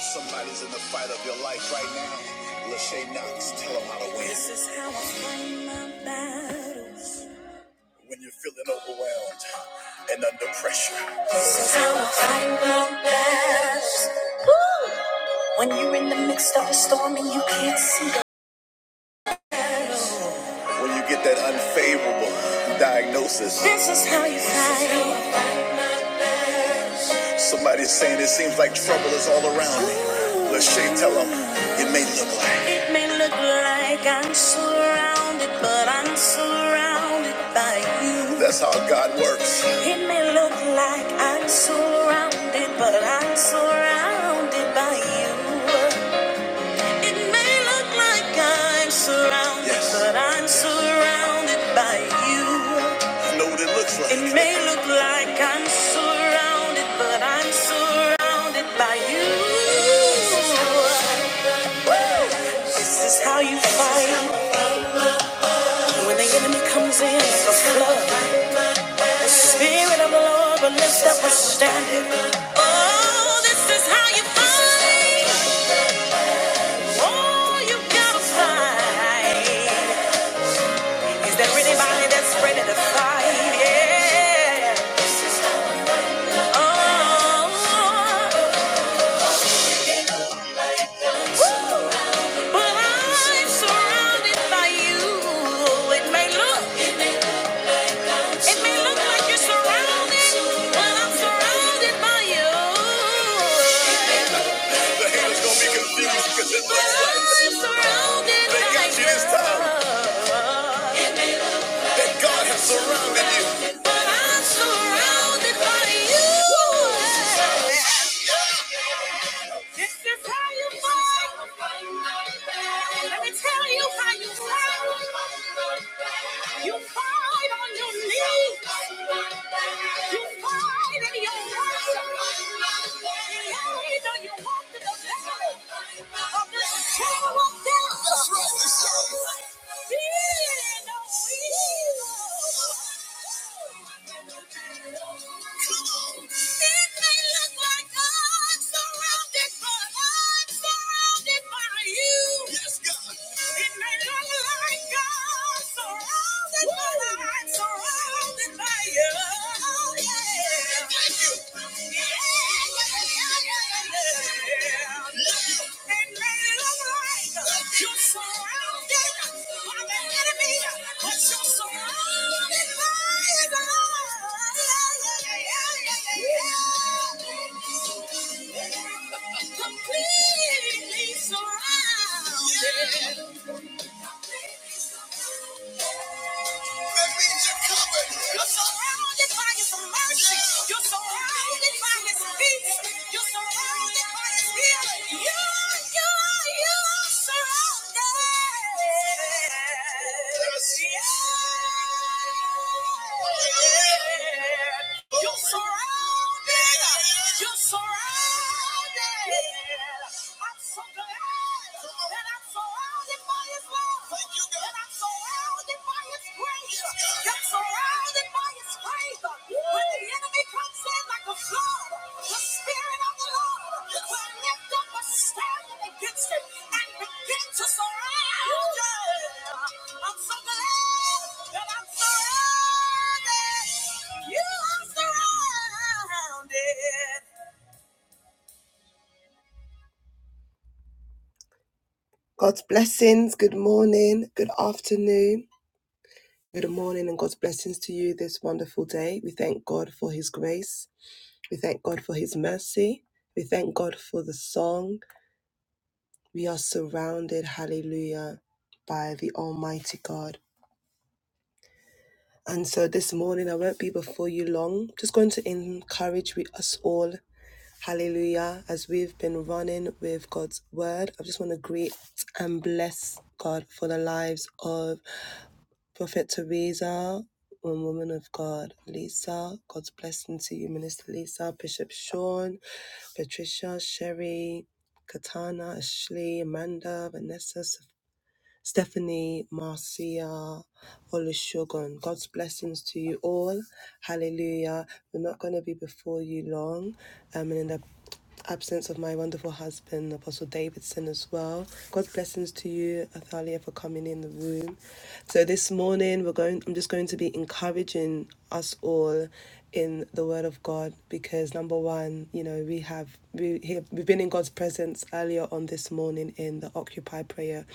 Somebody's in the fight of your life right now. Lachey Knox, tell them how to win. This is how I fight my battles. When you're feeling overwhelmed and under pressure. This is how I fight my battles. When you're in the midst of a storm and you can't see. her. when you get that unfavorable diagnosis. This is how you fight. Somebody's saying it seems like trouble is all around me. Lachey, tell them it may look like. It may look like I'm surrounded, but I'm surrounded by you. That's how God works. It may look like I'm surrounded, but I'm surrounded by you. It may look like I'm surrounded, Yes. but I'm surrounded by you. I know what it looks like. It may look like I'm surrounded, but I'm surrounded by you. This is how you fight when the enemy comes in like a flood. The spirit of the Lord will lift up a standard. Oh, this is how you fight. Oh, you gotta fight. Is there anybody that's ready to fight? Yeah. Oh, well, I'm surrounded by you. It may look, it may look like you're surrounded, but I'm surrounded by you. The haters gonna be confused 'cause it looks like I'm surrounded by you. they got you this time. That God has surrounded you. But I'm surrounded by you. This is how you fight. Let me tell you how you fight. You fight on your knees. You fight in your worship. You know you walk in the valley of the shadow of death. That's right. That's right. Surrounded by you. Oh, yeah. Thank you. Completely surrounded you're surrounded by His mercy. You're surrounded by His peace. You're surrounded by His healing. You, are- you, are- you are surrounded. Yes. Yeah. You're surrounded. You're surrounded. I'm so glad that I'm surrounded. Yes, like so God's blessings. Good morning. Good afternoon. Good morning and God's blessings to you this wonderful day. We thank God for His grace. We thank God for His mercy. We thank God for the song. We are surrounded, hallelujah, by the Almighty God. And so this morning, I won't be before you long. Just going to encourage we, us all, hallelujah, as we've been running with God's word. I just want to greet and bless God for the lives of Prophet Teresa, and woman of God, Lisa, God's blessing to you, Minister Lisa, Bishop Sean, Patricia, Sherry, Katana, Ashley, Amanda, Vanessa, Stephanie, Marcia, Olusegun. God's blessings to you all. Hallelujah. We're not going to be before you long. Um, and in the absence of my wonderful husband, Apostle Davidson, as well. God's blessings to you, Athalia, for coming in the room. So this morning, we're going. I'm just going to be encouraging us all in the Word of God because number one, you know, we have we here, we've been in God's presence earlier on this morning in the Occupy. Occupy Prayer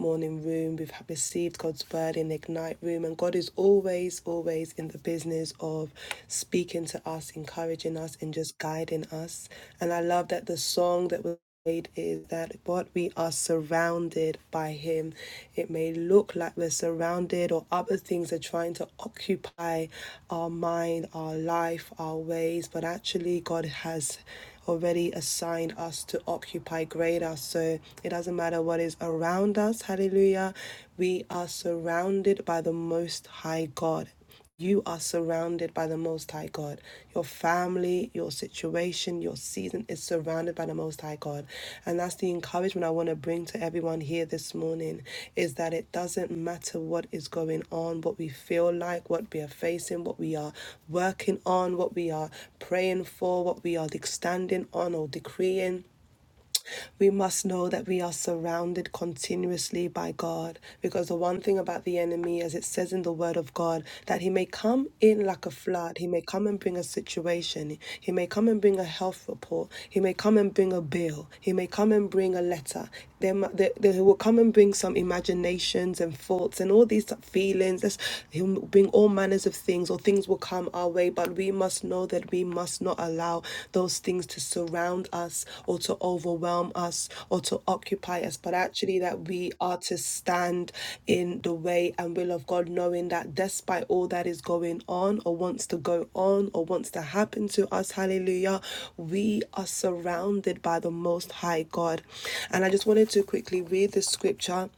Morning Room. We've received God's Word in Ignite Room, and God is always, always in the business of speaking to us, encouraging us, and just guiding us. And I love that the song that was afraid is that what we are surrounded by him it may look like we're surrounded or other things are trying to occupy our mind our life our ways but actually god has already assigned us to occupy greater. So it doesn't matter what is around us, hallelujah. We are surrounded by the Most High God. You are surrounded by the Most High God. Your family, your situation, your season is surrounded surrounded by the Most High God. And that's the encouragement I want to bring to everyone here this morning is that it doesn't matter what is going on, what we feel like, what we are facing, what we are working on, what we are praying for, what we are standing on or decreeing we must know that we are surrounded continuously by God. Because the one thing about the enemy, as it says in the word of God, that he may come in like a flood, he may come and bring a situation, he may come and bring a health report, he may come and bring a bill, he may come and bring a letter. There, mu- there, there- he will come and bring some imaginations and thoughts and all these feelings. That's, he'll bring all manners of things, or things will come our our way, but we must know that we must not allow those things to surround us or to overwhelm us or to occupy us, but actually that we are to stand in the way and will of God, knowing that despite all that is going on or wants to go on or wants to happen to us, hallelujah, we are surrounded by the Most High God. And I just wanted to quickly read the scripture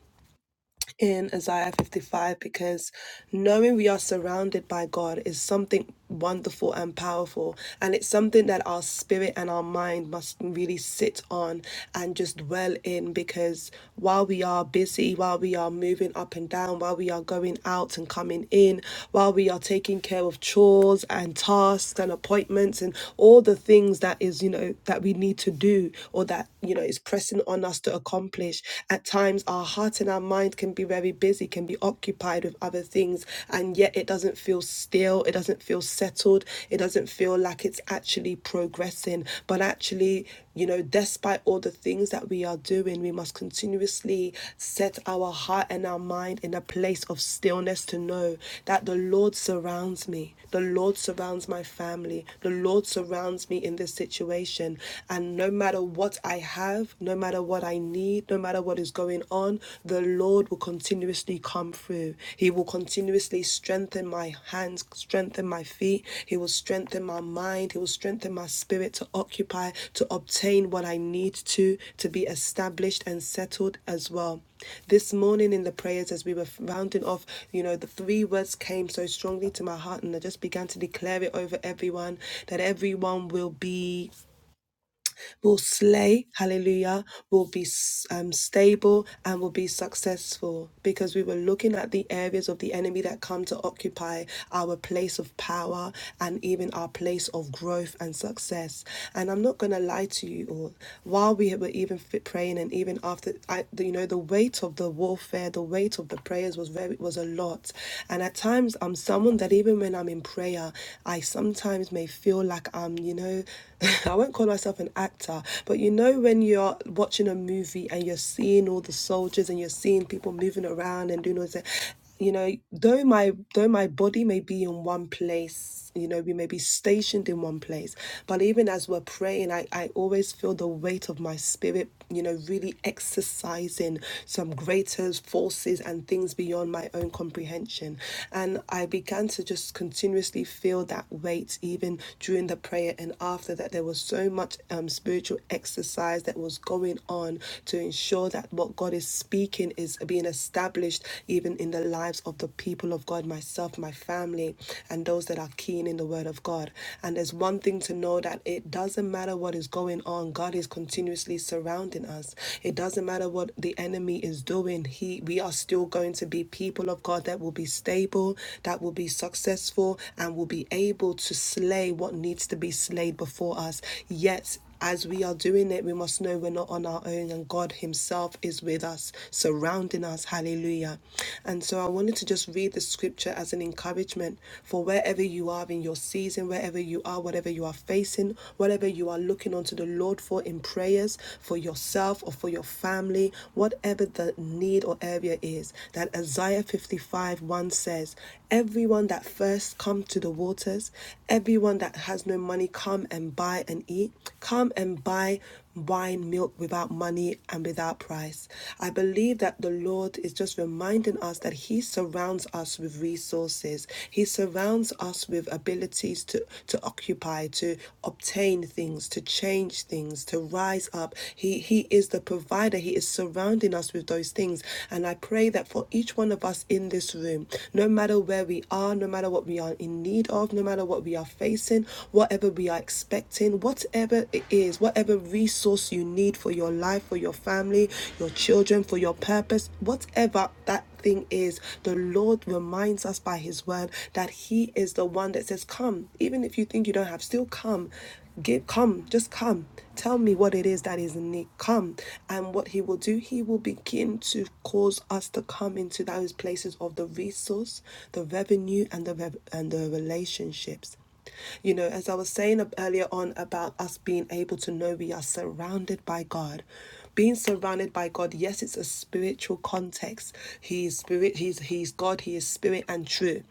in Isaiah 55 because knowing we are surrounded by God is something wonderful and powerful. And it's something that our spirit and our mind must really sit on and just dwell in because while we are busy, while we are moving up and down, while we are going out and coming in, while we are taking care of chores and tasks and appointments and all the things that is, you know, that we need to do or that, you know, is pressing on us to accomplish, at times, our heart and our mind can be very busy, can be occupied with other things, and yet it doesn't feel still, it doesn't feel settled, it doesn't feel like it's actually progressing. But actually, you know, despite all the things that we are doing, we must continuously set our heart and our mind in a place of stillness to know that the Lord surrounds me, the Lord surrounds my family, the Lord surrounds me in this situation. And no matter what I I have, no matter what I need, no matter what is going on, the Lord will continuously come through. He will continuously strengthen my hands, strengthen my feet. He will strengthen my mind. He will strengthen my spirit to occupy, to obtain what I need to, to be established and settled as well. This morning in the prayers, as we were rounding off, you know, the three words came so strongly to my heart, and I just began to declare it over everyone that everyone will be will slay, hallelujah, will be um, stable and will be successful because we were looking at the areas of the enemy that come to occupy our place of power and even our place of growth and success. And I'm not going to lie to you all, while we were even fit praying and even after, I, the- you know, the weight of the warfare, the weight of the prayers was very, was a lot. And at times I'm someone that even when I'm in prayer, I sometimes may feel like I'm, you know, I won't call myself an actor, but you know when you're watching a movie and you're seeing all the soldiers and you're seeing people moving around and doing all this, you know, though my though my body may be in one place, you know, we may be stationed in one place, but even as we're praying, I, I always feel the weight of my spirit, you know, really exercising some greater forces and things beyond my own comprehension. And I began to just continuously feel that weight even during the during the prayer and after that, there was so much um, spiritual exercise that was going on to ensure that what God is speaking is being established even in the lives of the people of God, myself, my family, and those that are keen in the word of God. And there's one thing to know that it doesn't matter what is going on, God is continuously surrounding us. It doesn't matter what the enemy is doing, he we are still going to be people of God that will be stable, that will be successful, and will be able able to slay what needs to be slayed before us. Yet, as we are doing it, we must know we're not on our own and God Himself is with us, surrounding us. Hallelujah. And so I wanted to just read the scripture as an encouragement for wherever you are in your season, wherever you are, whatever you are facing, whatever you are looking onto the Lord for in prayers, for yourself or for your family, whatever the need or area is. That Isaiah 55 1 says, Everyone that first come to the waters, everyone that has no money, come and buy and eat. Come and buy wine, milk without money and without price. I believe that the Lord is just reminding us that He surrounds us with resources. He surrounds us with abilities to, to occupy, to obtain things, to change things, to rise up. He He is the provider. He is surrounding us with those things. And I pray that for each one of us in this room, this room. No matter where we are, no matter what we are in need of, no matter what we are facing, whatever we are expecting, whatever it is, whatever resource you need for your life, for your family, your children, for your purpose, whatever that thing is, the Lord reminds us by His word that He is the one that says, Come, even if you think you don't have, still come Give, come, just come. Tell me what it is that is in need. Come. And what he will do, he will begin to cause us to come into those places of the resource, the revenue, and the, rev- and the relationships. You know, as I was saying earlier on about us being able to know we are surrounded by God. Being surrounded by God, yes, it's a spiritual context. He is spirit, he's he's God, he is spirit and true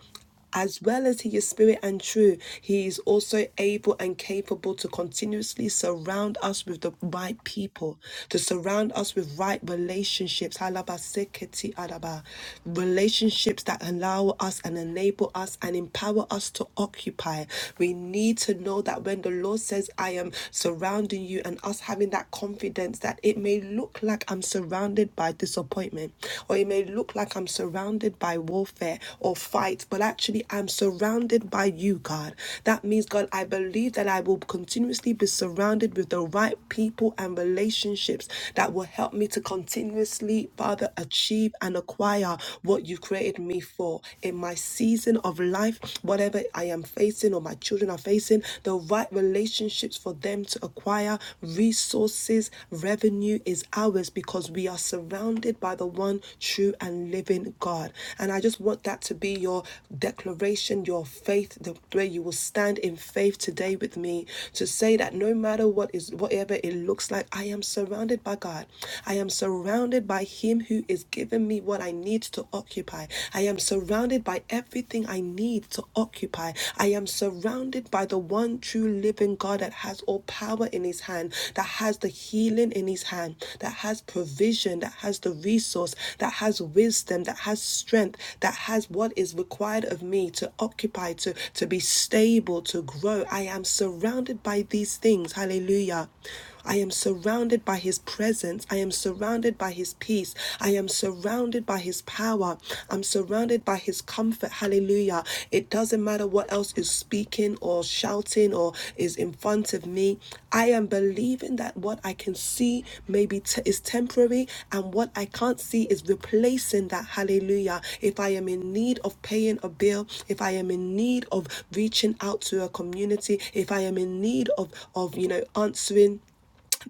as well as he is spirit and true, he is also able and capable to continuously surround us with the right people, to surround us with right relationships. Halabaseketi adaba. Relationships that allow us and enable us and empower us to occupy. We need to know that when the Lord says, I am surrounding you, and us having that confidence that it may look like I'm surrounded by disappointment, or it may look like I'm surrounded by warfare or fight, but actually I'm surrounded by you, God. That means, God, I believe that I will continuously be surrounded with the right people and relationships that will help me to continuously, Father, achieve and acquire what you created me for in my season of life, whatever I am facing or my children are facing, the right relationships for them to acquire acquire resources, revenue is ours because we are surrounded by the one true and living God. And I just want that to be your declaration, your faith, the way you will stand in faith today with me to say that no matter what is whatever it looks like, I am surrounded by God. I am surrounded by Him who is giving me what I need to occupy. I am surrounded by everything I need to to occupy. I am surrounded by the one true living God that has all power in his hand, that has the healing in his hand, that has provision, that has the resource, that has wisdom, that has strength, that has what is required of me to occupy, to, to be stable, to grow. I am surrounded by these things. Hallelujah. I am surrounded by His presence. I am surrounded by His peace. I am surrounded by His power. I'm surrounded by His comfort. Hallelujah. It doesn't matter what else is speaking or shouting or is in front of me. I am believing that what I can see maybe t- is temporary and what I can't see is replacing that. Hallelujah. If I am in need of paying a bill, if I am in need of reaching out to a community, if I am in need of, of you know, answering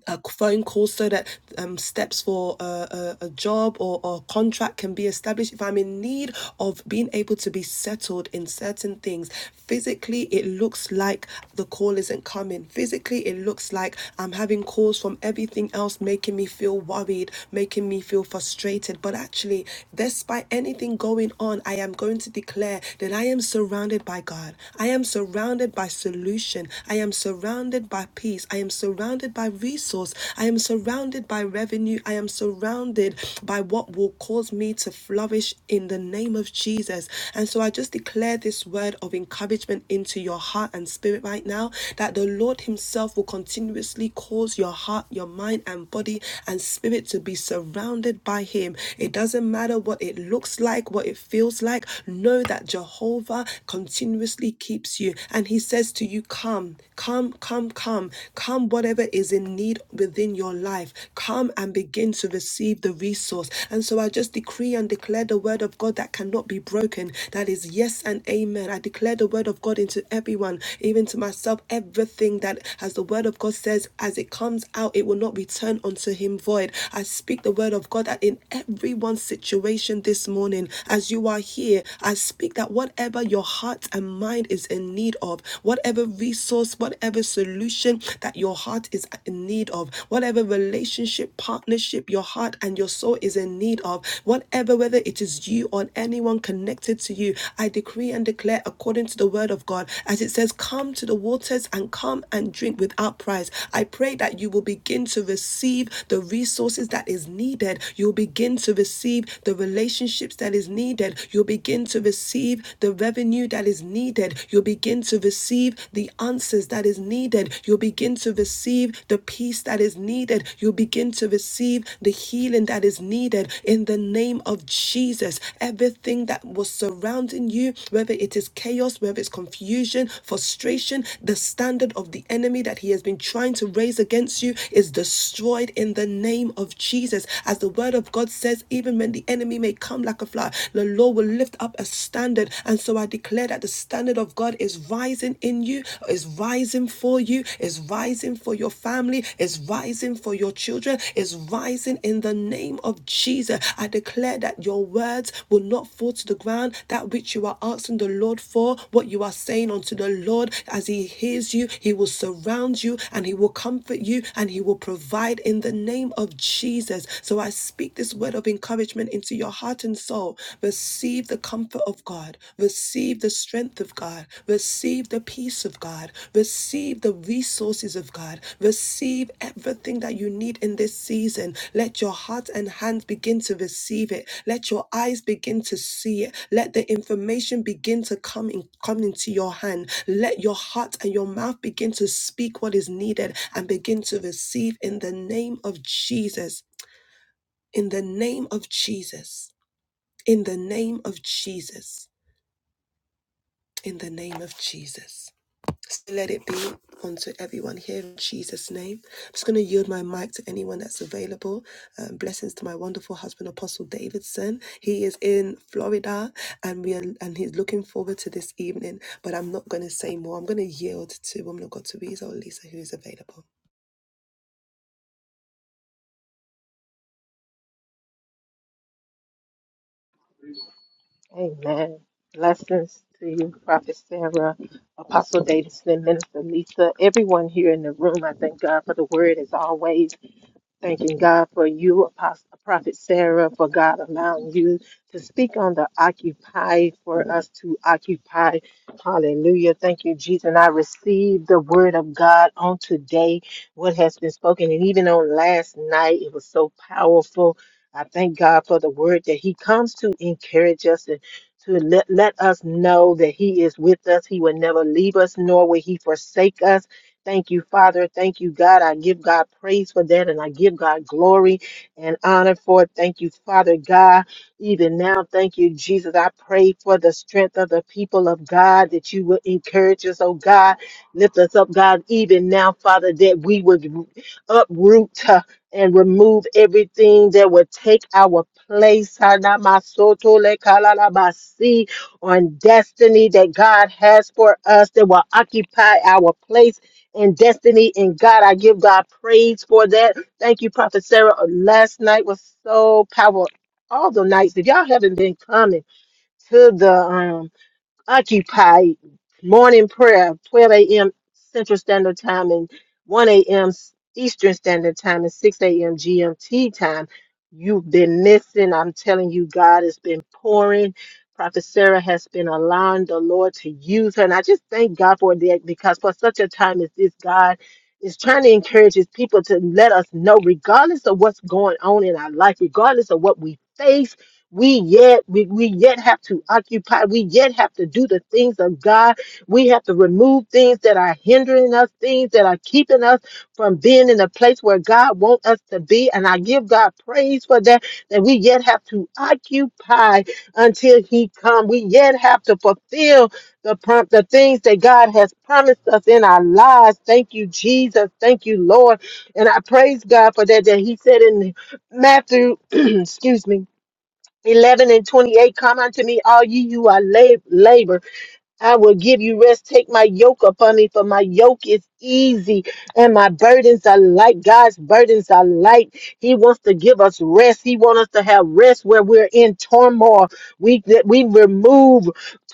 a phone call so that um, steps for a, a, a job or, or a contract can be established. If I'm in need of being able to be settled in certain things, physically it looks like the call isn't coming. Physically it looks like I'm having calls from everything else making me feel worried, making me feel frustrated. But actually, despite anything going on, I am going to declare that I am surrounded by God. I am surrounded by solution. I am surrounded by by peace. I am surrounded by resource. I am surrounded by revenue. I am surrounded by what will cause me to flourish in the name of Jesus. And so I just declare this word of encouragement into your heart and spirit right now that the Lord Himself will continuously cause your heart, your mind, and body and spirit to be surrounded by Him. It doesn't matter what it looks like, what it feels like. Know that Jehovah continuously keeps you. And He says to you, you come, come, come, come, come, whatever is in need within your life, come and begin to receive the resource. And so I just decree and declare the word of God that cannot be broken, that is yes and amen. I declare the word of God into everyone, even to myself, everything that, as the word of God says, as it comes out, it will not return unto him void. I speak the word of God that in everyone's situation this morning, as you are here, I speak that whatever your heart and mind mind is in need of, whatever resource, whatever solution that your heart is in need of, whatever relationship, partnership your heart and your soul is in need of, whatever, whether it is you or anyone connected to you, I decree and declare according to the word of God, as it says, Come to the waters and come and drink without price. I pray that you will begin to receive the resources that is needed. You'll begin to receive the relationships that is needed. You'll begin to receive receive the revenue that is needed. You'll begin to receive the answers that is needed. You'll begin to receive the peace that is needed. You'll begin to receive the healing that is needed in the name of Jesus. Everything that was surrounding you, whether it is chaos, whether it's confusion, frustration, the standard of the enemy that he has been trying to raise against you is destroyed in the name of Jesus. As the word of God says, even when the enemy may come like a flood, the Lord will lift up a standard. And so I declare that the standard of God is rising in you, is rising for you, is rising for your family, is rising for your children, is rising in the name of Jesus. I declare that your words will not fall to the ground. That which you are asking the Lord for, what you are saying unto the Lord, as He hears you, He will surround you and He will comfort you and He will provide in the name of Jesus. So I speak this word of encouragement into your heart and soul. Receive the comfort of God. Receive the strength of God. Receive the peace of God. Receive the resources of God. Receive everything that you need in this season. Let your heart and hands begin to receive it. Let your eyes begin to see it. Let the information begin to come in, come into your hand. Let your heart and your mouth begin to speak what is needed and begin to receive in the name of Jesus. In the name of Jesus. In the name of Jesus. In the name of Jesus. So let it be unto everyone here in Jesus' name. I'm just going to yield my mic to anyone that's available. Um, blessings to my wonderful husband, Apostle Davidson. He is in Florida and we are, and he's looking forward to this evening. But I'm not going to say more. I'm going to yield to woman of God, Teresa or Lisa, who is available. Amen. Blessings to you, Prophet Sarah, Apostle Davidson, Minister Lisa, everyone here in the room. I thank God for the word as always. Thanking God for you, Apostle, Prophet Sarah, for God allowing you to speak on the occupy for us to occupy. Hallelujah. Thank you, Jesus. And I received the word of God on today, what has been spoken. And even on last night, it was so powerful. I thank God for the word that He comes to encourage us and to let, let us know that He is with us. He will never leave us, nor will He forsake us Thank you, Father. Thank you, God. I give God praise for that and I give God glory and honor for it. Thank you, Father God. Even now, thank you, Jesus. I pray for the strength of the people of God that you would encourage us, oh God. Lift us up, God, even now, Father, that we would uproot uh, and remove everything that would take our place. Hanamasotolekalabasi, On destiny that God has for us that will occupy our place and destiny and God. I give God praise for that. Thank you, Prophet Sarah. Uh, Last night was so powerful. All the nights, if y'all haven't been coming to the um Occupy morning prayer, 12 a.m. Central Standard Time and 1 a.m. Eastern Standard Time and 6 a.m. GMT time. You've been missing. I'm telling you, God has been pouring. Prophet Sarah has been allowing the Lord to use her. And I just thank God for that because for such a time as this, God is trying to encourage his people to let us know, regardless of what's going on in our life, regardless of what we face we yet we, we yet have to occupy, we yet have to do the things of God. We have to remove things that are hindering us, things that are keeping us from being in the place where God wants us to be. And I give God praise for that, that we yet have to occupy until He come. We yet have to fulfill the prom- the things that God has promised us in our lives. Thank you, Jesus. Thank you, Lord. And I praise God for that. That He said in Matthew, excuse me. 11 and 28 come unto me all ye you are lab- labor I will give you rest. Take my yoke upon me, for my yoke is easy and my burdens are light. God's burdens are light. He wants to give us rest. He wants us to have rest where we're in turmoil. We that we remove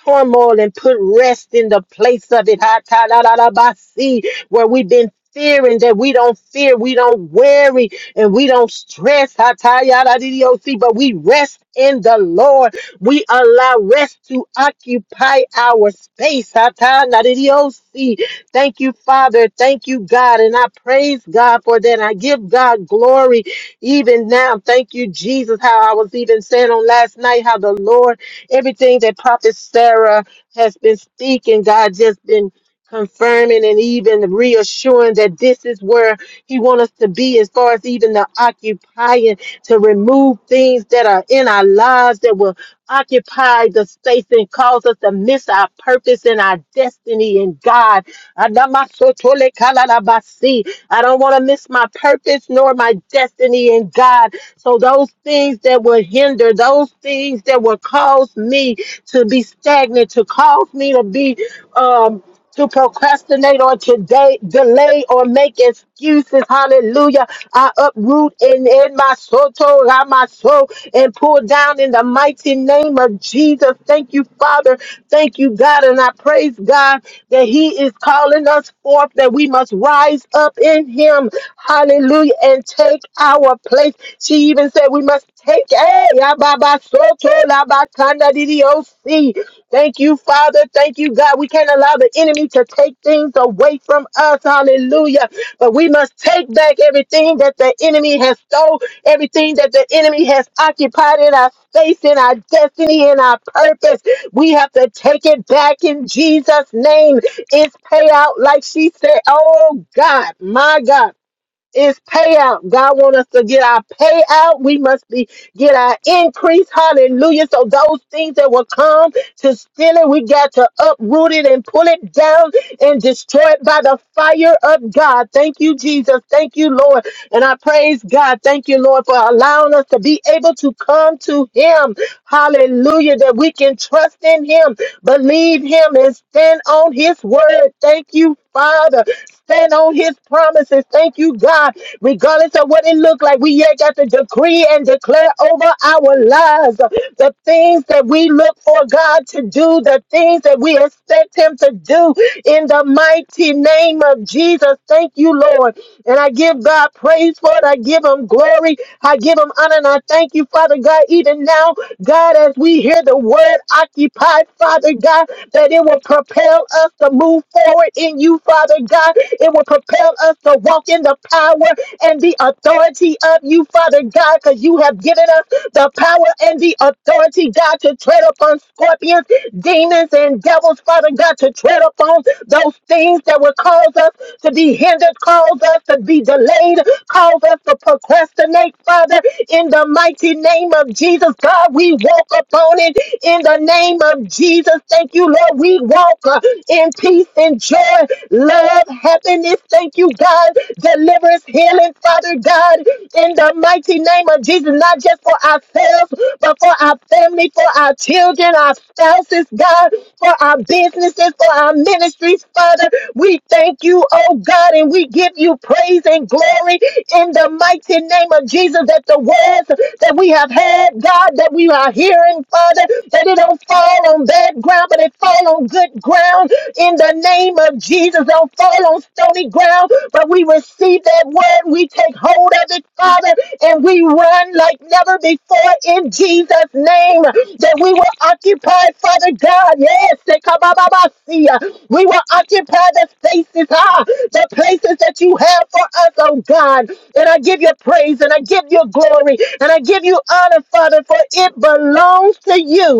turmoil and put rest in the place of it. Ha, ta, la, la, la, ba, si, Where we've been fearing that we don't fear, we don't worry, and we don't stress. Ha, ta, ya, la, di, di, oh, si, But we rest in the Lord. We allow rest to occupy our space. Atanariosi. Thank you, Father. Thank you, God. And I praise God for that. I give God glory even now. Thank you, Jesus. How I was even saying on last night, how the Lord, everything that Prophet Sarah has been speaking, God just been confirming and even reassuring that this is where he wants us to be as far as even the occupying to remove things that are in our lives that will occupy the space and cause us to miss our purpose and our destiny in God. Adamasotolekalalabasi. I don't want to miss my purpose nor my destiny in God. So those things that will hinder, those things that will cause me to be stagnant, to cause me to be um to procrastinate on today, delay or make excuses. Hallelujah. I uproot in, in my soto, la my soul, and pull down in the mighty name of Jesus. Thank you, Father. Thank you, God. And I praise God that He is calling us forth, that we must rise up in Him. Hallelujah. And take our place. She even said we must Take a it. Thank you, Father. Thank you, God. We can't allow the enemy to take things away from us. Hallelujah. But we must take back everything that the enemy has stole, everything that the enemy has occupied in our space, in our destiny, in our purpose. We have to take it back in Jesus' name. It's payout, like she said. Oh, God, my God. It's payout. God wants us to get our payout. We must be get our increase. Hallelujah. So those things that will come to steal it, we got to uproot it and pull it down and destroy it by the fire of God. Thank you, Jesus. Thank you, Lord. And I praise God. Thank you, Lord, for allowing us to be able to come to Him. Hallelujah. That we can trust in Him, believe Him, and stand on His word. Thank you, Father stand on his promises. Thank you, God. Regardless of what it looked like, we yet got to decree and declare over our lives the things that we look for God to do, the things that we expect him to do in the mighty name of Jesus. Thank you, Lord. And I give God praise for it. I give him glory. I give him honor. And I thank you, Father God, even now, God, as we hear the word occupied, Father God, that it will propel us to move forward power in you, Father God. It will propel us to walk in the power and the authority of you, Father God, because you have given us the power and the authority, God, to tread upon scorpions, demons, and devils, Father God, to tread upon those things that will cause us to be hindered, cause us to be delayed, cause us to procrastinate, Father, in the mighty name of Jesus, God, we walk upon it in the name of Jesus. Thank you, Lord. We walk walk uh, in peace and joy, love, happiness. Thank you, God. Deliverance, healing, Father God, in the mighty name of Jesus, not just for ourselves, but for our family, for our children, our spouses, God, for our businesses, for our ministries, Father. We thank you, oh God, and we give you praise and glory in the mighty name of Jesus that the words that we have had, God, that we are hearing, Father, that it don't fall on bad good ground, but it fell on good ground in the name of Jesus. Don't fall on stony ground, but we receive that word. We take hold of it, Father, and we run like never before in Jesus' name. That we will occupy, Father God. Yes, they come up, up, up, see ya. we will occupy the spaces, ah, the places that you have for us, oh God. And I give you praise and I give you glory and I give you honor, Father, for it belongs to you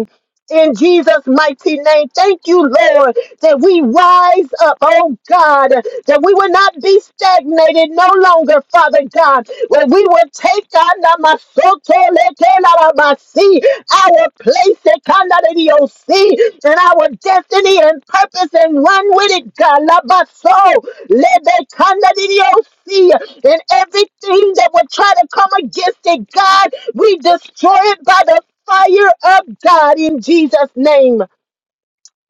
in Jesus' mighty name. Thank you, Lord, that we rise up, oh God, that we will not be stagnated no longer, Father God, where we will take Anamasotolekelalabasi, our place at Kandariosi, and our destiny and purpose and run with it, God. Labaso, Lebekandariosi, and everything that will try to come against it, God, we destroy it by the fire up God in Jesus' name.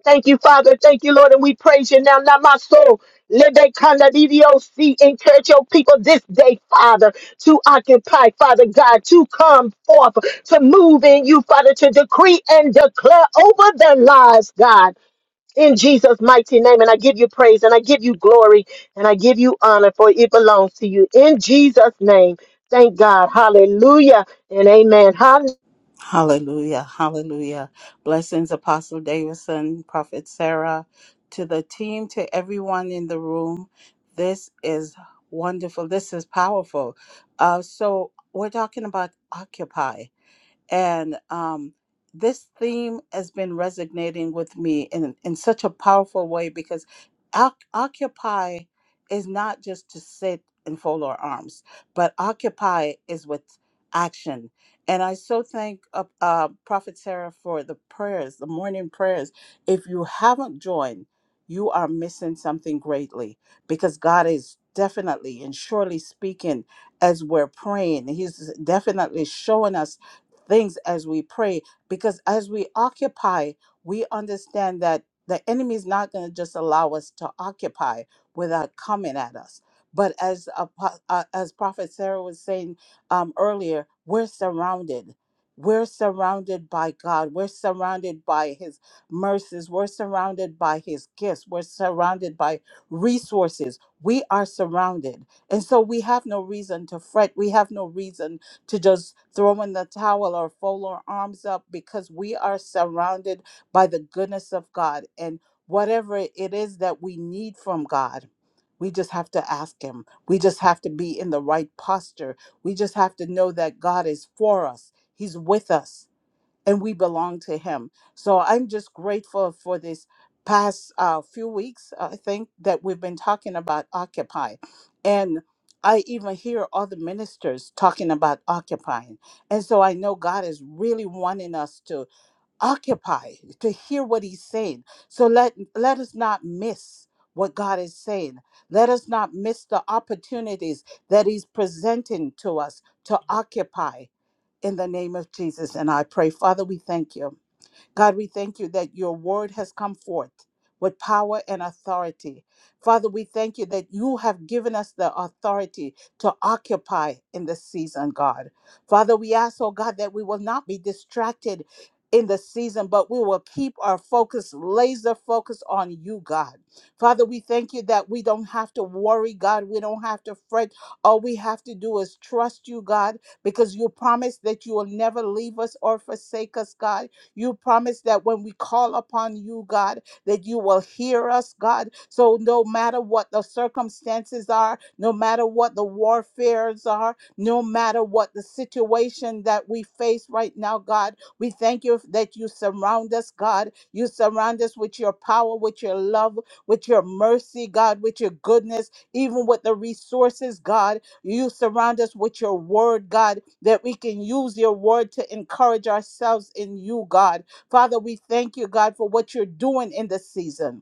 Thank you, Father. Thank you, Lord. And we praise you now. Now, my soul, Lebe Kanda DDOC, encourage your people this day, Father, to occupy, Father God, to come forth, to move in you, Father, to decree and declare over their lives, God. In Jesus' mighty name, and I give you praise and I give you glory and I give you honor, for it belongs to you. In Jesus' name, thank God. Hallelujah and amen. Hallelujah. Hallelujah. Hallelujah. Blessings, Apostle Davidson, Prophet Sarah, to the team, to everyone in the room. This is wonderful. This is powerful. Uh, so, we're talking about Occupy and um, this theme has been resonating with me in, in such a powerful way because oc- occupy is not just to sit and fold our arms but occupy is with action and i so thank uh, uh, prophet sarah for the prayers the morning prayers if you haven't joined you are missing something greatly because god is definitely and surely speaking as we're praying he's definitely showing us things as we pray because as we occupy we understand that the enemy is not going to just allow us to occupy without coming at us but as Apo- uh, as prophet sarah was saying um, earlier we're surrounded we're surrounded by god we're surrounded by his mercies we're surrounded by his gifts we're surrounded by resources we are surrounded and so we have no reason to fret we have no reason to just throw in the towel or fold our arms up because we are surrounded by the goodness of God. And whatever it is that we need from God, we just have to ask Him. We just have to be in the right posture. We just have to know that God is for us, He's with us and we belong to him so i'm just grateful for this past uh, few weeks i think that we've been talking about occupy and i even hear other ministers talking about occupying and so i know god is really wanting us to occupy to hear what he's saying so let let us not miss what god is saying let us not miss the opportunities that he's presenting to us to occupy in the name of Jesus. And I pray, Father, we thank you. God, we thank you that your word has come forth with power and authority. Father, we thank you that you have given us the authority to occupy in this season, God. Father, we ask, oh God, that we will not be distracted in the season, but we will keep our focus, laser focus on you, God. Father, we thank you that we don't have to worry, God. We don't have to fret. All we have to do is trust you, God, because you promised that you will never leave us or forsake us, God you promise that when we call upon you, God, that you will hear us, God. So no matter what the circumstances are, no matter what the warfares are, no matter what the situation that we face right now, God, we thank you that you surround us, God. You surround us with your power, with your love, with your mercy, God, with your goodness, even with the resources, God you surround us with your word, God, that we can use your word to encourage ourselves in you, God. Father, we thank you, God, for what you're doing in this season.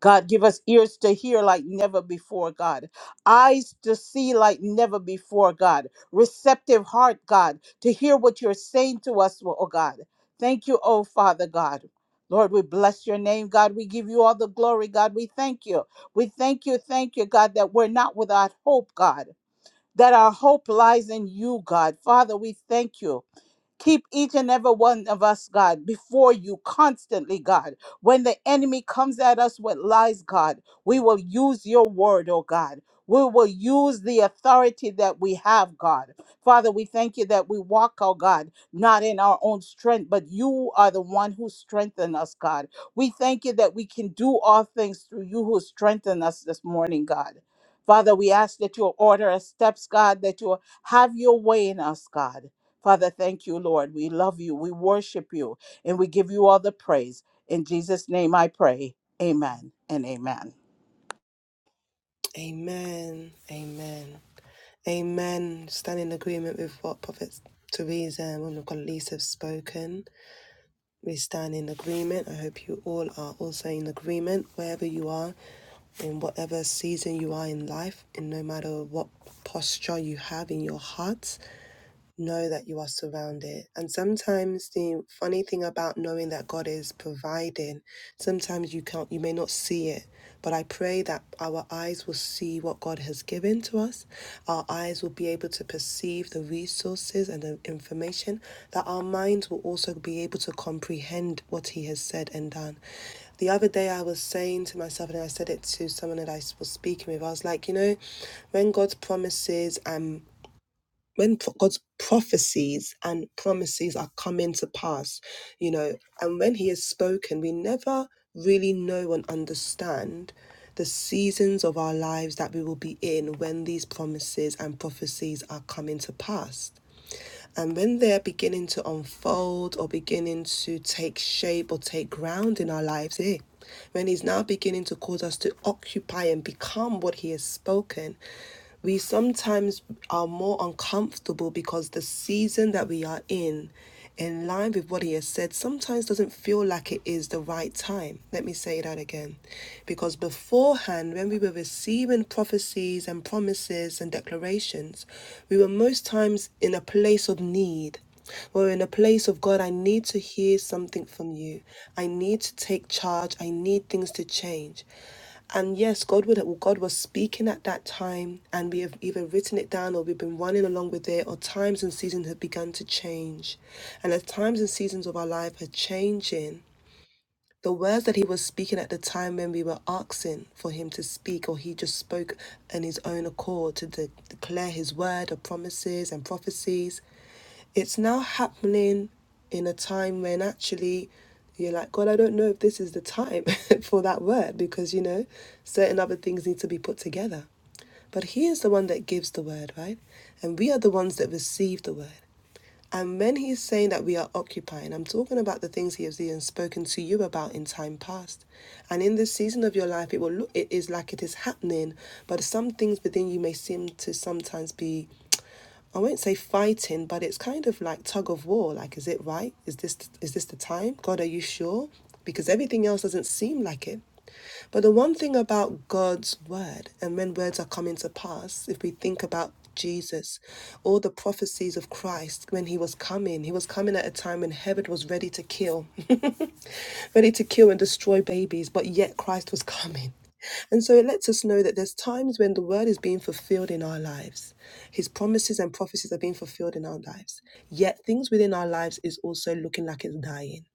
God, give us ears to hear like never before, God. Eyes to see like never before, God. Receptive heart, God, to hear what you're saying to us, oh oh, God. Thank you, oh Father God. Lord, we bless your name, God. We give you all the glory, God. We thank you. We thank you, thank you, God, that we're not without hope, God that our hope lies in you, God. Father, we thank you. Keep each and every one of us, God, before you constantly, God. When the enemy comes at us with lies, God, we will use your word, oh God. We will use the authority that we have, God. Father, we thank you that we walk, oh God, not in our own strength, but you are the one who strengthened us, God. We thank you that we can do all things through you who strengthen us this morning, God. Father, we ask that you order our steps, God, that you have your way in us, God. Father, thank you, Lord. We love you. We worship you. And we give you all the praise. In Jesus' name I pray. Amen and amen. Amen. Amen. Amen. Stand in agreement with what prophets Teresa and woman of God Lisa have spoken. We stand in agreement. I hope you all are also in agreement wherever you are, in whatever season you are in life, and no matter what posture you have in your heart know that you are surrounded. And sometimes the funny thing about knowing that God is providing, sometimes you can't you may not see it. But I pray that our eyes will see what God has given to us. Our eyes will be able to perceive the resources and the information, that our minds will also be able to comprehend what He has said and done. The other day, I was saying to myself, and I said it to someone that I was speaking with, I was like, you know, when God's promises and when pro- God's prophecies and promises are coming to pass, you know, and when He has spoken, we never really know and understand the seasons of our lives that we will be in when these promises and prophecies are coming to pass. And when they're beginning to unfold or beginning to take shape or take ground in our lives, eh? When he's now beginning to cause us to occupy and become what he has spoken, we sometimes are more uncomfortable because the season that we are in in line with what he has said sometimes doesn't feel like it is the right time. Let me say that again. Because beforehand, when we were receiving prophecies and promises and declarations, we were most times in a place of need. We're in a place of God, I need to hear something from you. I need to take charge. I need things to change. And yes, God would God was speaking at that time, and we have either written it down or we've been running along with it, or times and seasons have begun to change. And as times and seasons of our life are changing, the words that he was speaking at the time when we were asking for him to speak, or he just spoke on his own accord to de- declare his word of promises and prophecies. It's now happening in a time when actually you're like, God, I don't know if this is the time for that word because, you know, certain other things need to be put together. But he is the one that gives the word, right? And we are the ones that receive the word. And when he's saying that we are occupying, I'm talking about the things he has even spoken to you about in time past. And in this season of your life, it will look it is like it is happening, but some things within you may seem to sometimes be I won't say fighting, but it's kind of like tug of war. Like, is it right? Is this is this the time? God, are you sure? Because everything else doesn't seem like it. But the one thing about God's word, and when words are coming to pass, if we think about Jesus, all the prophecies of Christ when he was coming, he was coming at a time when Herod was ready to kill, ready to kill and destroy babies, but yet Christ was coming. And so it lets us know that there's times when the word is being fulfilled in our lives. His promises and prophecies are being fulfilled in our lives. Yet things within our lives is also looking like it's dying.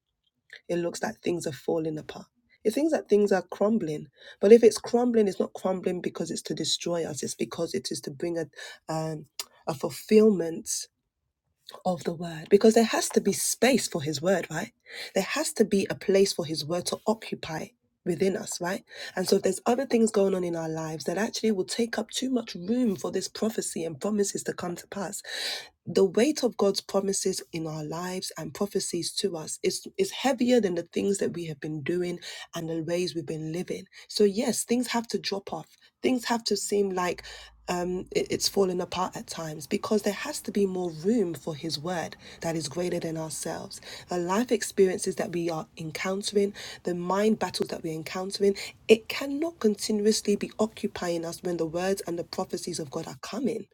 It looks like things are falling apart. It thinks that things are crumbling. But if it's crumbling, it's not crumbling because it's to destroy us. It's because it is to bring a, um, a fulfillment of the word because there has to be space for his word, right? There has to be a place for his word to occupy within us, right? And so if there's other things going on in our lives that actually will take up too much room for this prophecy and promises to come to pass, the weight of God's promises in our lives and prophecies to us is, is heavier than the things that we have been doing and the ways we've been living. So, yes, things have to drop off. Things have to seem like um, it, it's fallen apart at times because there has to be more room for His Word that is greater than ourselves. The life experiences that we are encountering, the mind battles that we're encountering, it cannot continuously be occupying us when the words and the prophecies of God are coming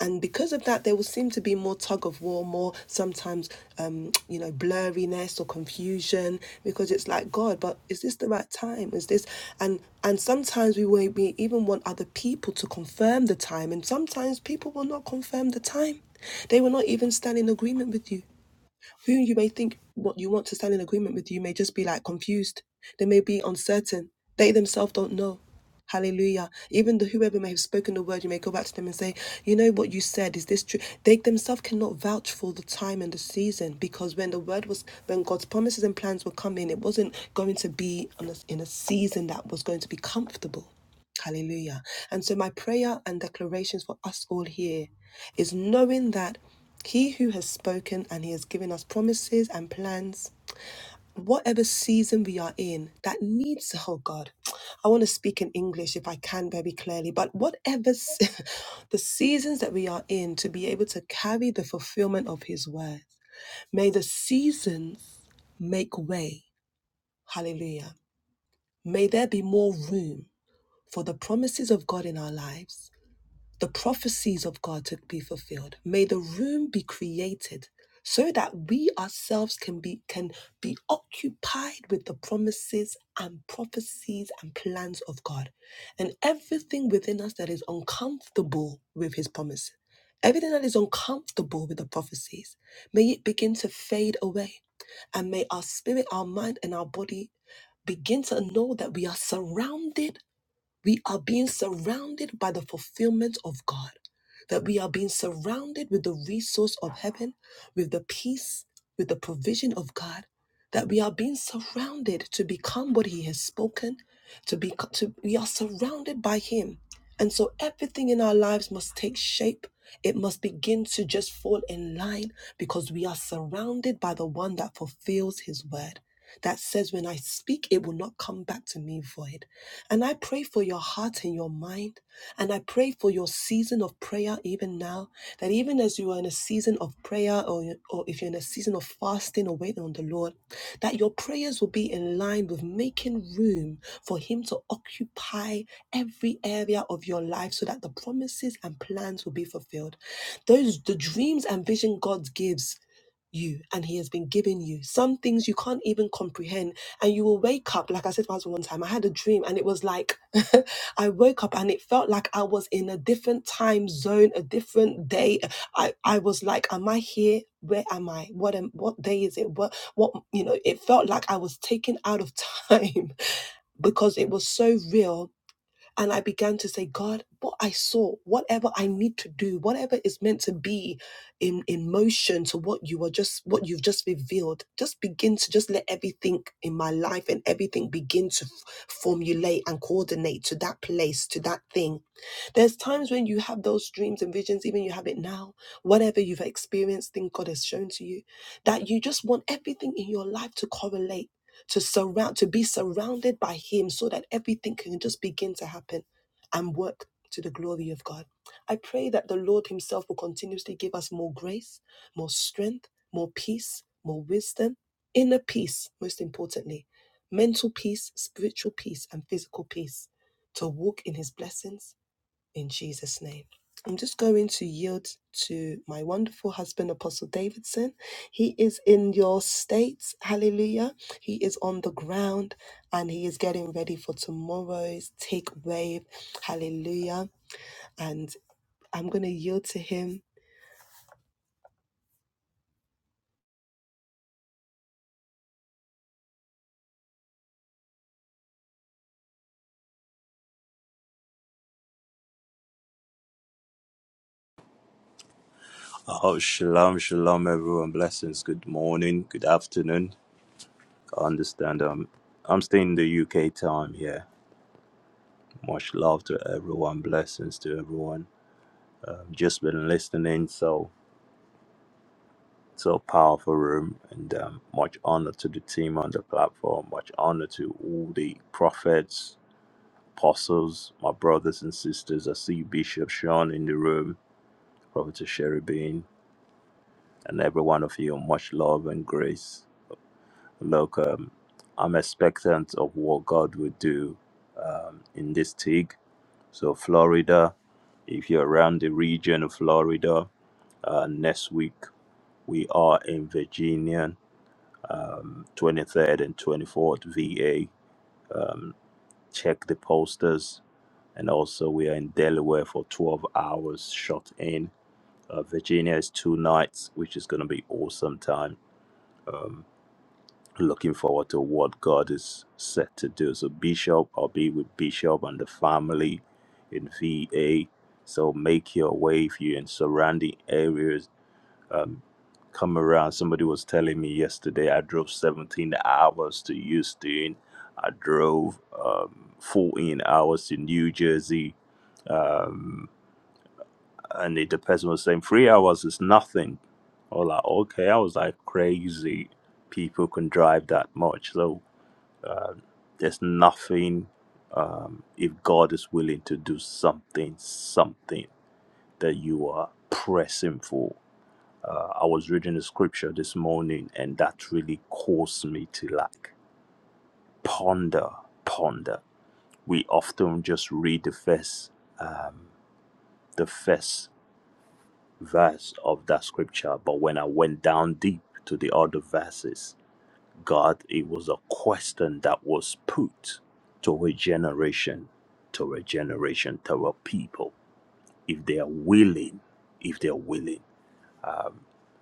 and because of that there will seem to be more tug of war more sometimes um you know blurriness or confusion because it's like god but is this the right time is this and and sometimes we will we even want other people to confirm the time and sometimes people will not confirm the time they will not even stand in agreement with you who you may think what you want to stand in agreement with you may just be like confused they may be uncertain they themselves don't know hallelujah even the whoever may have spoken the word you may go back to them and say you know what you said is this true they themselves cannot vouch for the time and the season because when the word was when god's promises and plans were coming it wasn't going to be on a, in a season that was going to be comfortable Hallelujah. And so, my prayer and declarations for us all here is knowing that He who has spoken and He has given us promises and plans, whatever season we are in, that needs, oh God, I want to speak in English if I can very clearly, but whatever se- the seasons that we are in, to be able to carry the fulfillment of His word, may the seasons make way. Hallelujah. May there be more room for the promises of God in our lives the prophecies of God to be fulfilled. May the room be created so that we ourselves can be can be occupied with the promises and prophecies and plans of God and everything within us that is uncomfortable with his promise everything that is uncomfortable with the prophecies may it begin to fade away and may our spirit our mind and our body begin to know that we are surrounded we are being surrounded by the fulfillment of God, that we are being surrounded with the resource of heaven, with the peace, with the provision of God, that we are being surrounded to become what He has spoken, to be to, we are surrounded by Him. And so everything in our lives must take shape. It must begin to just fall in line because we are surrounded by the one that fulfills his word that says, When I speak, it will not come back to me void. And I pray for your heart and your mind. And I pray for your season of prayer even now. That even as you are in a season of prayer or, or if you're in a season of fasting or waiting on the Lord, that your prayers will be in line with making room for Him to occupy every area of your life so that the promises and plans will be fulfilled. Those the dreams and vision God gives you and he has been giving you some things you can't even comprehend and you will wake up. Like I said to my husband one time, I had a dream and it was like I woke up and it felt like I was in a different time zone, a different day. I, I was like, Am I here? Where am I? What am what day is it? What what you know, it felt like I was taken out of time because it was so real and I began to say, God, what I saw, whatever I need to do, whatever is meant to be in, in motion to what you are just, what you've just revealed, just begin to just let everything in my life and everything begin to f- formulate and coordinate to that place, to that thing. There's times when you have those dreams and visions, even you have it now, whatever you've experienced, thing God has shown to you, that you just want everything in your life to correlate to surround to be surrounded by him so that everything can just begin to happen and work to the glory of God. I pray that the Lord himself will continuously give us more grace, more strength, more peace, more wisdom, inner peace most importantly, mental peace, spiritual peace and physical peace to walk in his blessings in Jesus' name. I'm just going to yield to my wonderful husband, Apostle Davidson. He is in your states. Hallelujah. He is on the ground and he is getting ready for tomorrow's take wave. Hallelujah. And I'm going to yield to him. Oh, shalom, shalom, everyone. Blessings. Good morning. Good afternoon. I understand. Um, I'm staying in the UK time here. Much love to everyone. Blessings to everyone. I've just been listening. So, so powerful room, and um, much honor to the team on the platform. Much honor to all the prophets, apostles, my brothers and sisters. I see Bishop Sean in the room, Prophet Sherry Bean, and every one of you. Much love and grace. Look, um, I'm expectant of what God would do um, in this TIG. So, Florida, if you're around the region of Florida, uh, next week we are in Virginia, um, 23rd and 24th, VA. Um, check the posters. And also, we are in Delaware for 12 hours shot in. Uh, Virginia is two nights, which is going to be awesome time. Um, Looking forward to what God is set to do. So, Bishop, I'll be with Bishop and the family in VA. So, make your way if you're in surrounding areas. Um, come around. Somebody was telling me yesterday I drove 17 hours to Houston, I drove um, 14 hours to New Jersey. Um, and the the person was saying, Three hours is nothing. I was like, Okay. I was like, Crazy. People can drive that much. So. Uh, there's nothing, um, if God is willing to do something, something that you are pressing for. Uh, I was reading the scripture this morning, and that really caused me to like ponder, ponder. We often just read the first, um, the first verse of that scripture, but when I went down deep to the other verses, God, it was a question that was put to a generation, to a generation, to a people, if they are willing, if they are willing.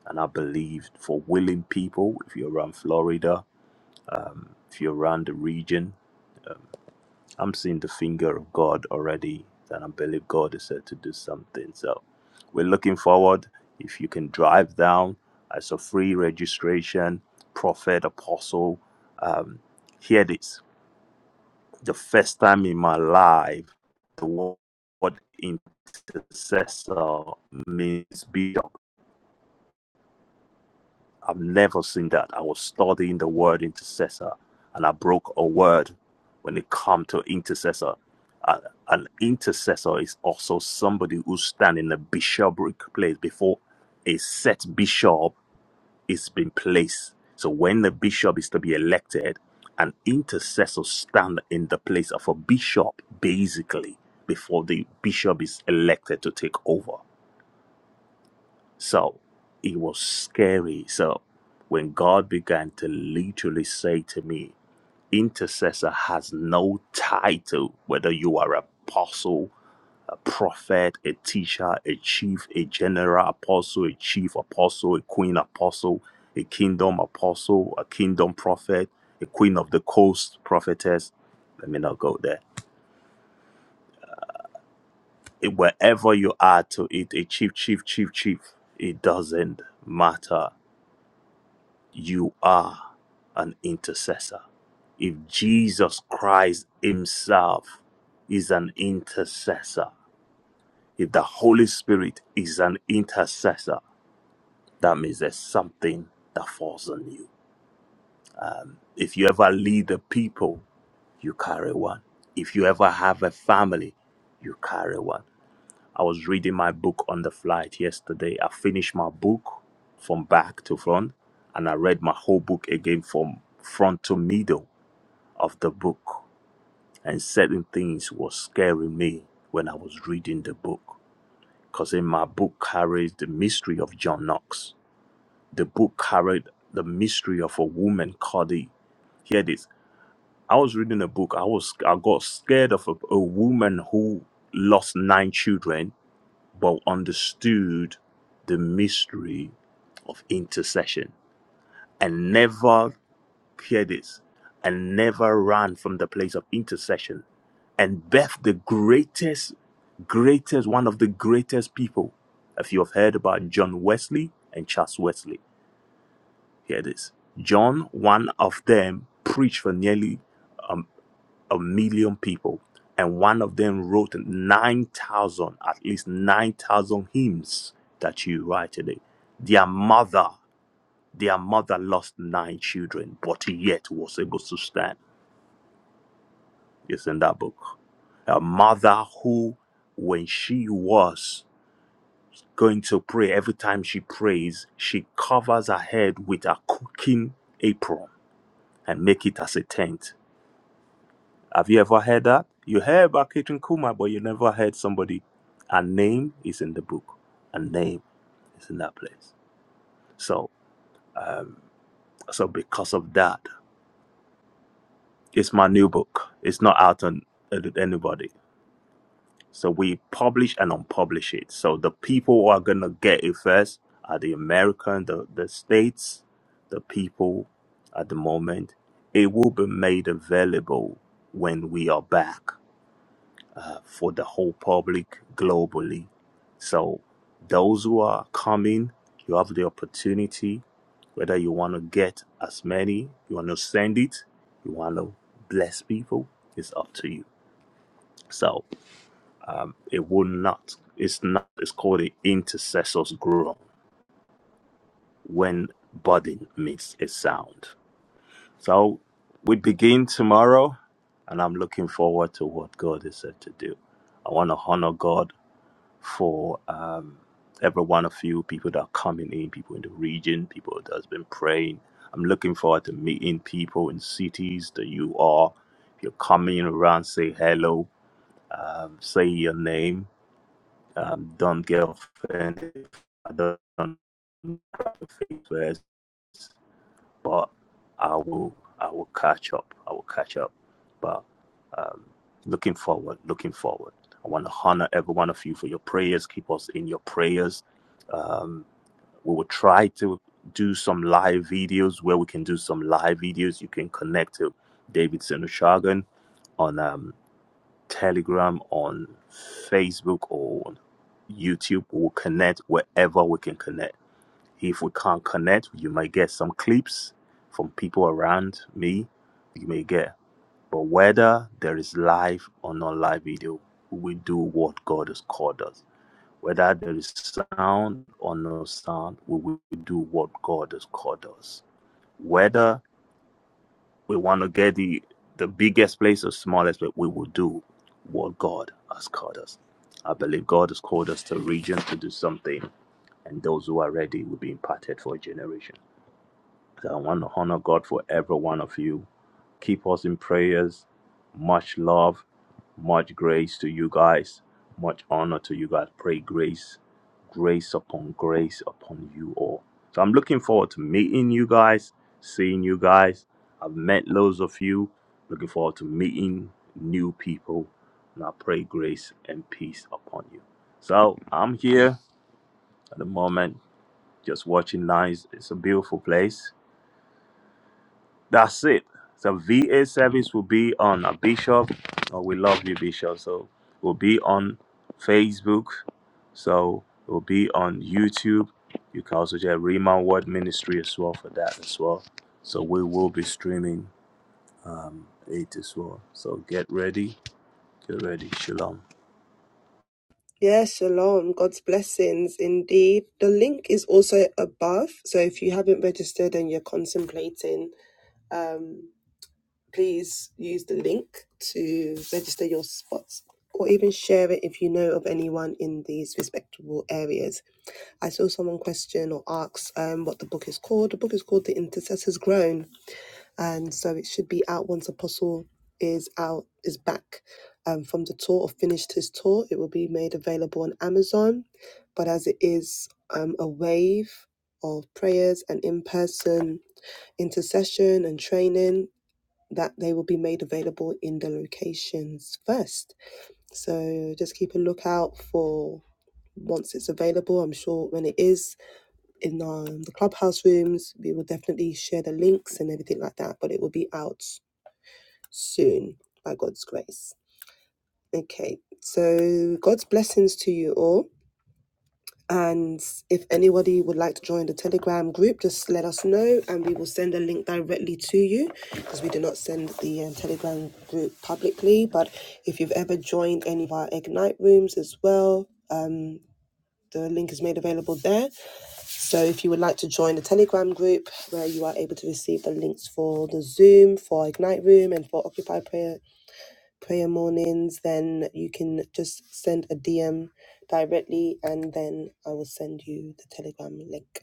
And I believe for willing people, if you're around Florida, um, if you're around the region, I'm seeing the finger of God already, and I believe God is said to do something. So we're looking forward. If you can drive down as a free registration, prophet, apostle, um, hear this the first time in my life the word intercessor means bishop. I've never seen that. I was studying the word intercessor and I broke a word when it come to intercessor. Uh, an intercessor is also somebody who stand in a bishopric place before a set bishop is been placed. So when the bishop is to be elected, an intercessor stand in the place of a bishop, basically, before the bishop is elected to take over. So it was scary. So when God began to literally say to me, intercessor has no title, whether you are apostle a prophet, a teacher, a chief, a general apostle, a chief apostle, a queen apostle, a kingdom apostle, a kingdom prophet, a queen of the coast prophetess. Let me not go there. It- wherever you are to it, a chief, chief, chief, chief, it doesn't matter. You are an intercessor. If Jesus Christ Himself is an intercessor, if the Holy Spirit is an intercessor, That means there's something that falls on you. Um, if you ever lead the people, you carry one. If you ever have a family, you carry one. I was reading my book on the flight yesterday. I finished my book from back to front, and I read my whole book again from front to middle of the book. And certain things was scaring me when I was reading the book, because in my book carries the mystery of John Knox the book carried the mystery of a woman called the here it is i was reading a book i was i got scared of a, a woman who lost nine children but understood the mystery of intercession and never hear this and never ran from the place of intercession and beth the greatest greatest one of the greatest people if you have heard about john wesley and charles wesley here it is. John, one of them, preached for nearly a million people, and one of them wrote 9,000, at least 9,000 hymns that you write today. Their mother, their mother lost nine children, but yet was able to stand. It's in that book. A mother who, when she was going to pray, every time she prays, she covers her head with a cooking apron and make it as a tent Have you ever heard that? You heard about Catherine Kuma, but you never heard somebody. Her name is in the book. Her name is in that place. So, um, so because of that, it's my new book. It's not out on uh, anybody. So we publish and unpublish it. So the people who are gonna get it first are the American, the the states, the people. At the moment, it will be made available when we are back. uh, for the whole public globally. So, those who are coming, you have the opportunity, whether you want to get as many, you want to send it, you want to bless people, it's up to you. So, um, it will not, it's not, it's called the intercessor's groan when budding meets a sound. So, we begin tomorrow, and I'm looking forward to what God is said to do. I want to honor God for um, every one of you, people that are coming in, people in the region, people that has been praying. I'm looking forward to meeting people in cities that you are. If you're coming around, say hello, um, say your name. Um, don't get offended. if I don't. know your face first but I will I will catch up. I will catch up. But um, looking forward, looking forward. I want to honor every one of you for your prayers. Keep us in your prayers. Um, we will try to do some live videos where we can do some live videos. You can connect to David Senushagan on um, Telegram, on Facebook, or on YouTube. We'll connect wherever we can connect if we can't connect, you may get some clips from people around me. You may get. But whether there is live or not live video, we do what God has called us. Whether there is sound or no sound, we will do what God has called us. Whether we want to get the the biggest place or smallest place, we will do what God has called us. I believe God has called us to a region to do something, and those who are ready will be imparted for a generation. So I want to honor God for every one of you. Keep us in prayers. Much love, much grace to you guys, much honor to you guys. Pray grace, grace upon grace upon you all. So I'm looking forward to meeting you guys, seeing you guys. I've met loads of you. Looking forward to meeting new people. And I pray grace and peace upon you. So I'm here at the moment, just watching nice. It's a beautiful place that's it. The VA service will be on a bishop. Oh, we love you, Bishop. So we'll be on Facebook. So we'll be on YouTube. You can also check Rima Word Ministry as well for that as well. So we will be streaming um, it as well. So get ready. Get ready. Shalom. Yes, shalom. God's blessings indeed. The link is also above. So if you haven't registered and you're contemplating, please use the link to register your spots or even share it if you know of anyone in these respectable areas. I saw someone question or ask um, what the book is called. The book is called The Intercessor's Groan, and so it should be out once Apostle is out is back um, from the tour or finished his tour. It will be made available on Amazon, but as it is um, a wave of prayers and in person intercession and training that they will be made available in the locations first. So just keep a lookout for once it's available. I'm sure when it is in um, the clubhouse rooms, we will definitely share the links and everything like that, but it will be out soon by God's grace. Okay, so God's blessings to you all. And if anybody would like to join the Telegram group, just let us know and we will send a link directly to you because we do not send the um, Telegram group publicly. But if you've ever joined any of our Ignite rooms as well, the link is made available there. So if you would like to join the Telegram group where you are able to receive the links for the Zoom, for Ignite Room, and for Occupy Prayer prayer mornings, then you can just send a DM directly and then I will send you the Telegram link.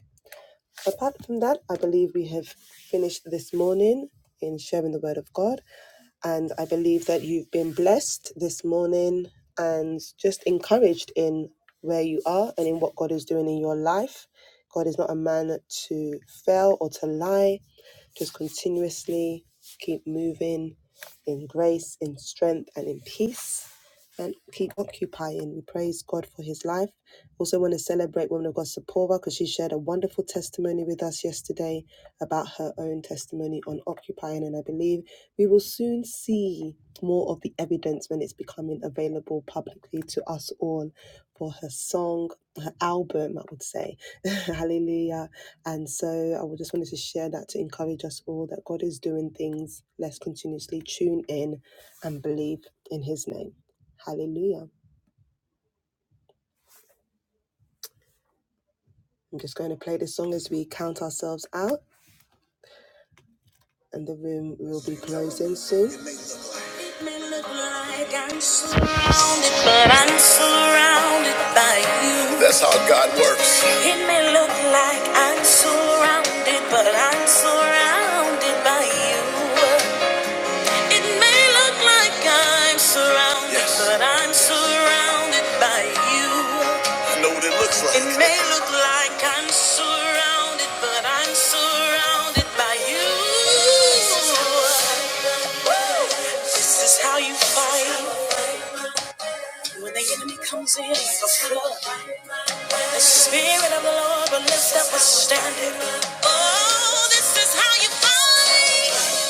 Apart from that, I believe we have finished this morning in sharing the word of God. And I believe that you've been blessed this morning and just encouraged in where you are and in what God is doing in your life. God is not a man to fail or to lie. Just continuously keep moving in grace, in strength, and in peace and keep occupying. We praise God for his life. Also, want to celebrate Woman of God Sapora because she shared a wonderful testimony with us yesterday about her own testimony on occupying. And I believe we will soon see more of the evidence when it's becoming available publicly to us all for her song, her album, I would say. Hallelujah. And so I would just wanted to share that to encourage us all that God is doing things. Let's continuously tune in and believe in his name. Hallelujah. I'm just going to play this song as we count ourselves out, and the room will be closing soon. It may look like I'm surrounded, but I'm surrounded by you. That's how God works. It may look like I'm surrounded, but I'm surrounded by you. It may look like I'm surrounded, Yes. but I'm surrounded by you. I know what it looks like. It may look like I'm surrounded, but I'm surrounded by you. This is how you fight when the enemy comes in like a flood. The spirit of the Lord will lift up a standard. Oh, this is how you fight.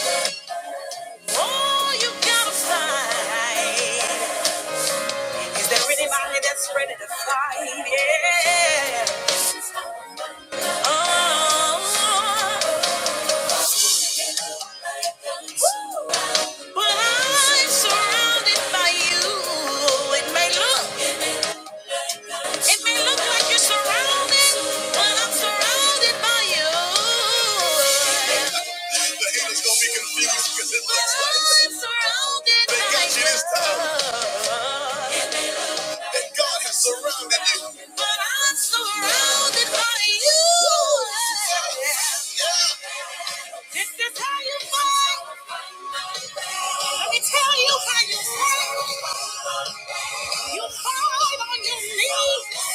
Oh, you gotta fight. Is there anybody that's ready to fight? Yeah. Oh, but I'm surrounded by you. It may look, it may look like you're surrounded, but I'm surrounded by you. The haters gonna be confused because it looks like I'm surrounded they by got you. this time. that God has surrounded you. But I'm surrounded by you. Yeah. This is how you fight. Let me tell you how you fight. You fight on your knees.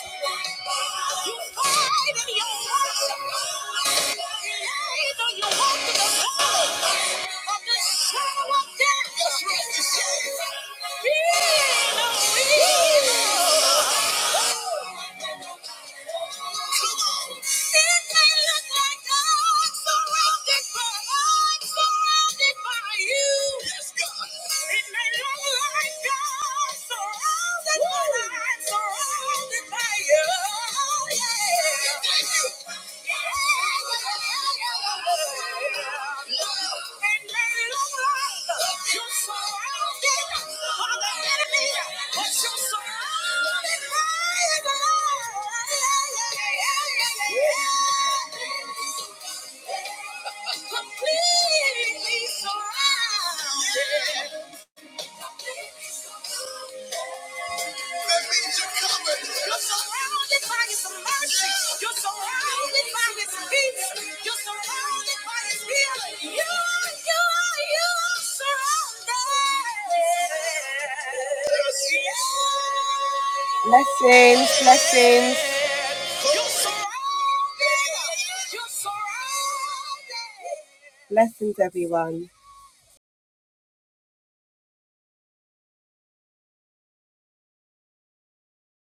You fight in your worship. Yes, no It may look like I'm surrounded, but I'm surrounded by you. Yes, God. like Completely surrounded. That means you're covered. You're surrounded by His mercy. You're surrounded by His peace. You're surrounded by His healing. You, you, you are surrounded. Blessings, blessings. You're surrounded. You're surrounded. Blessings, everyone.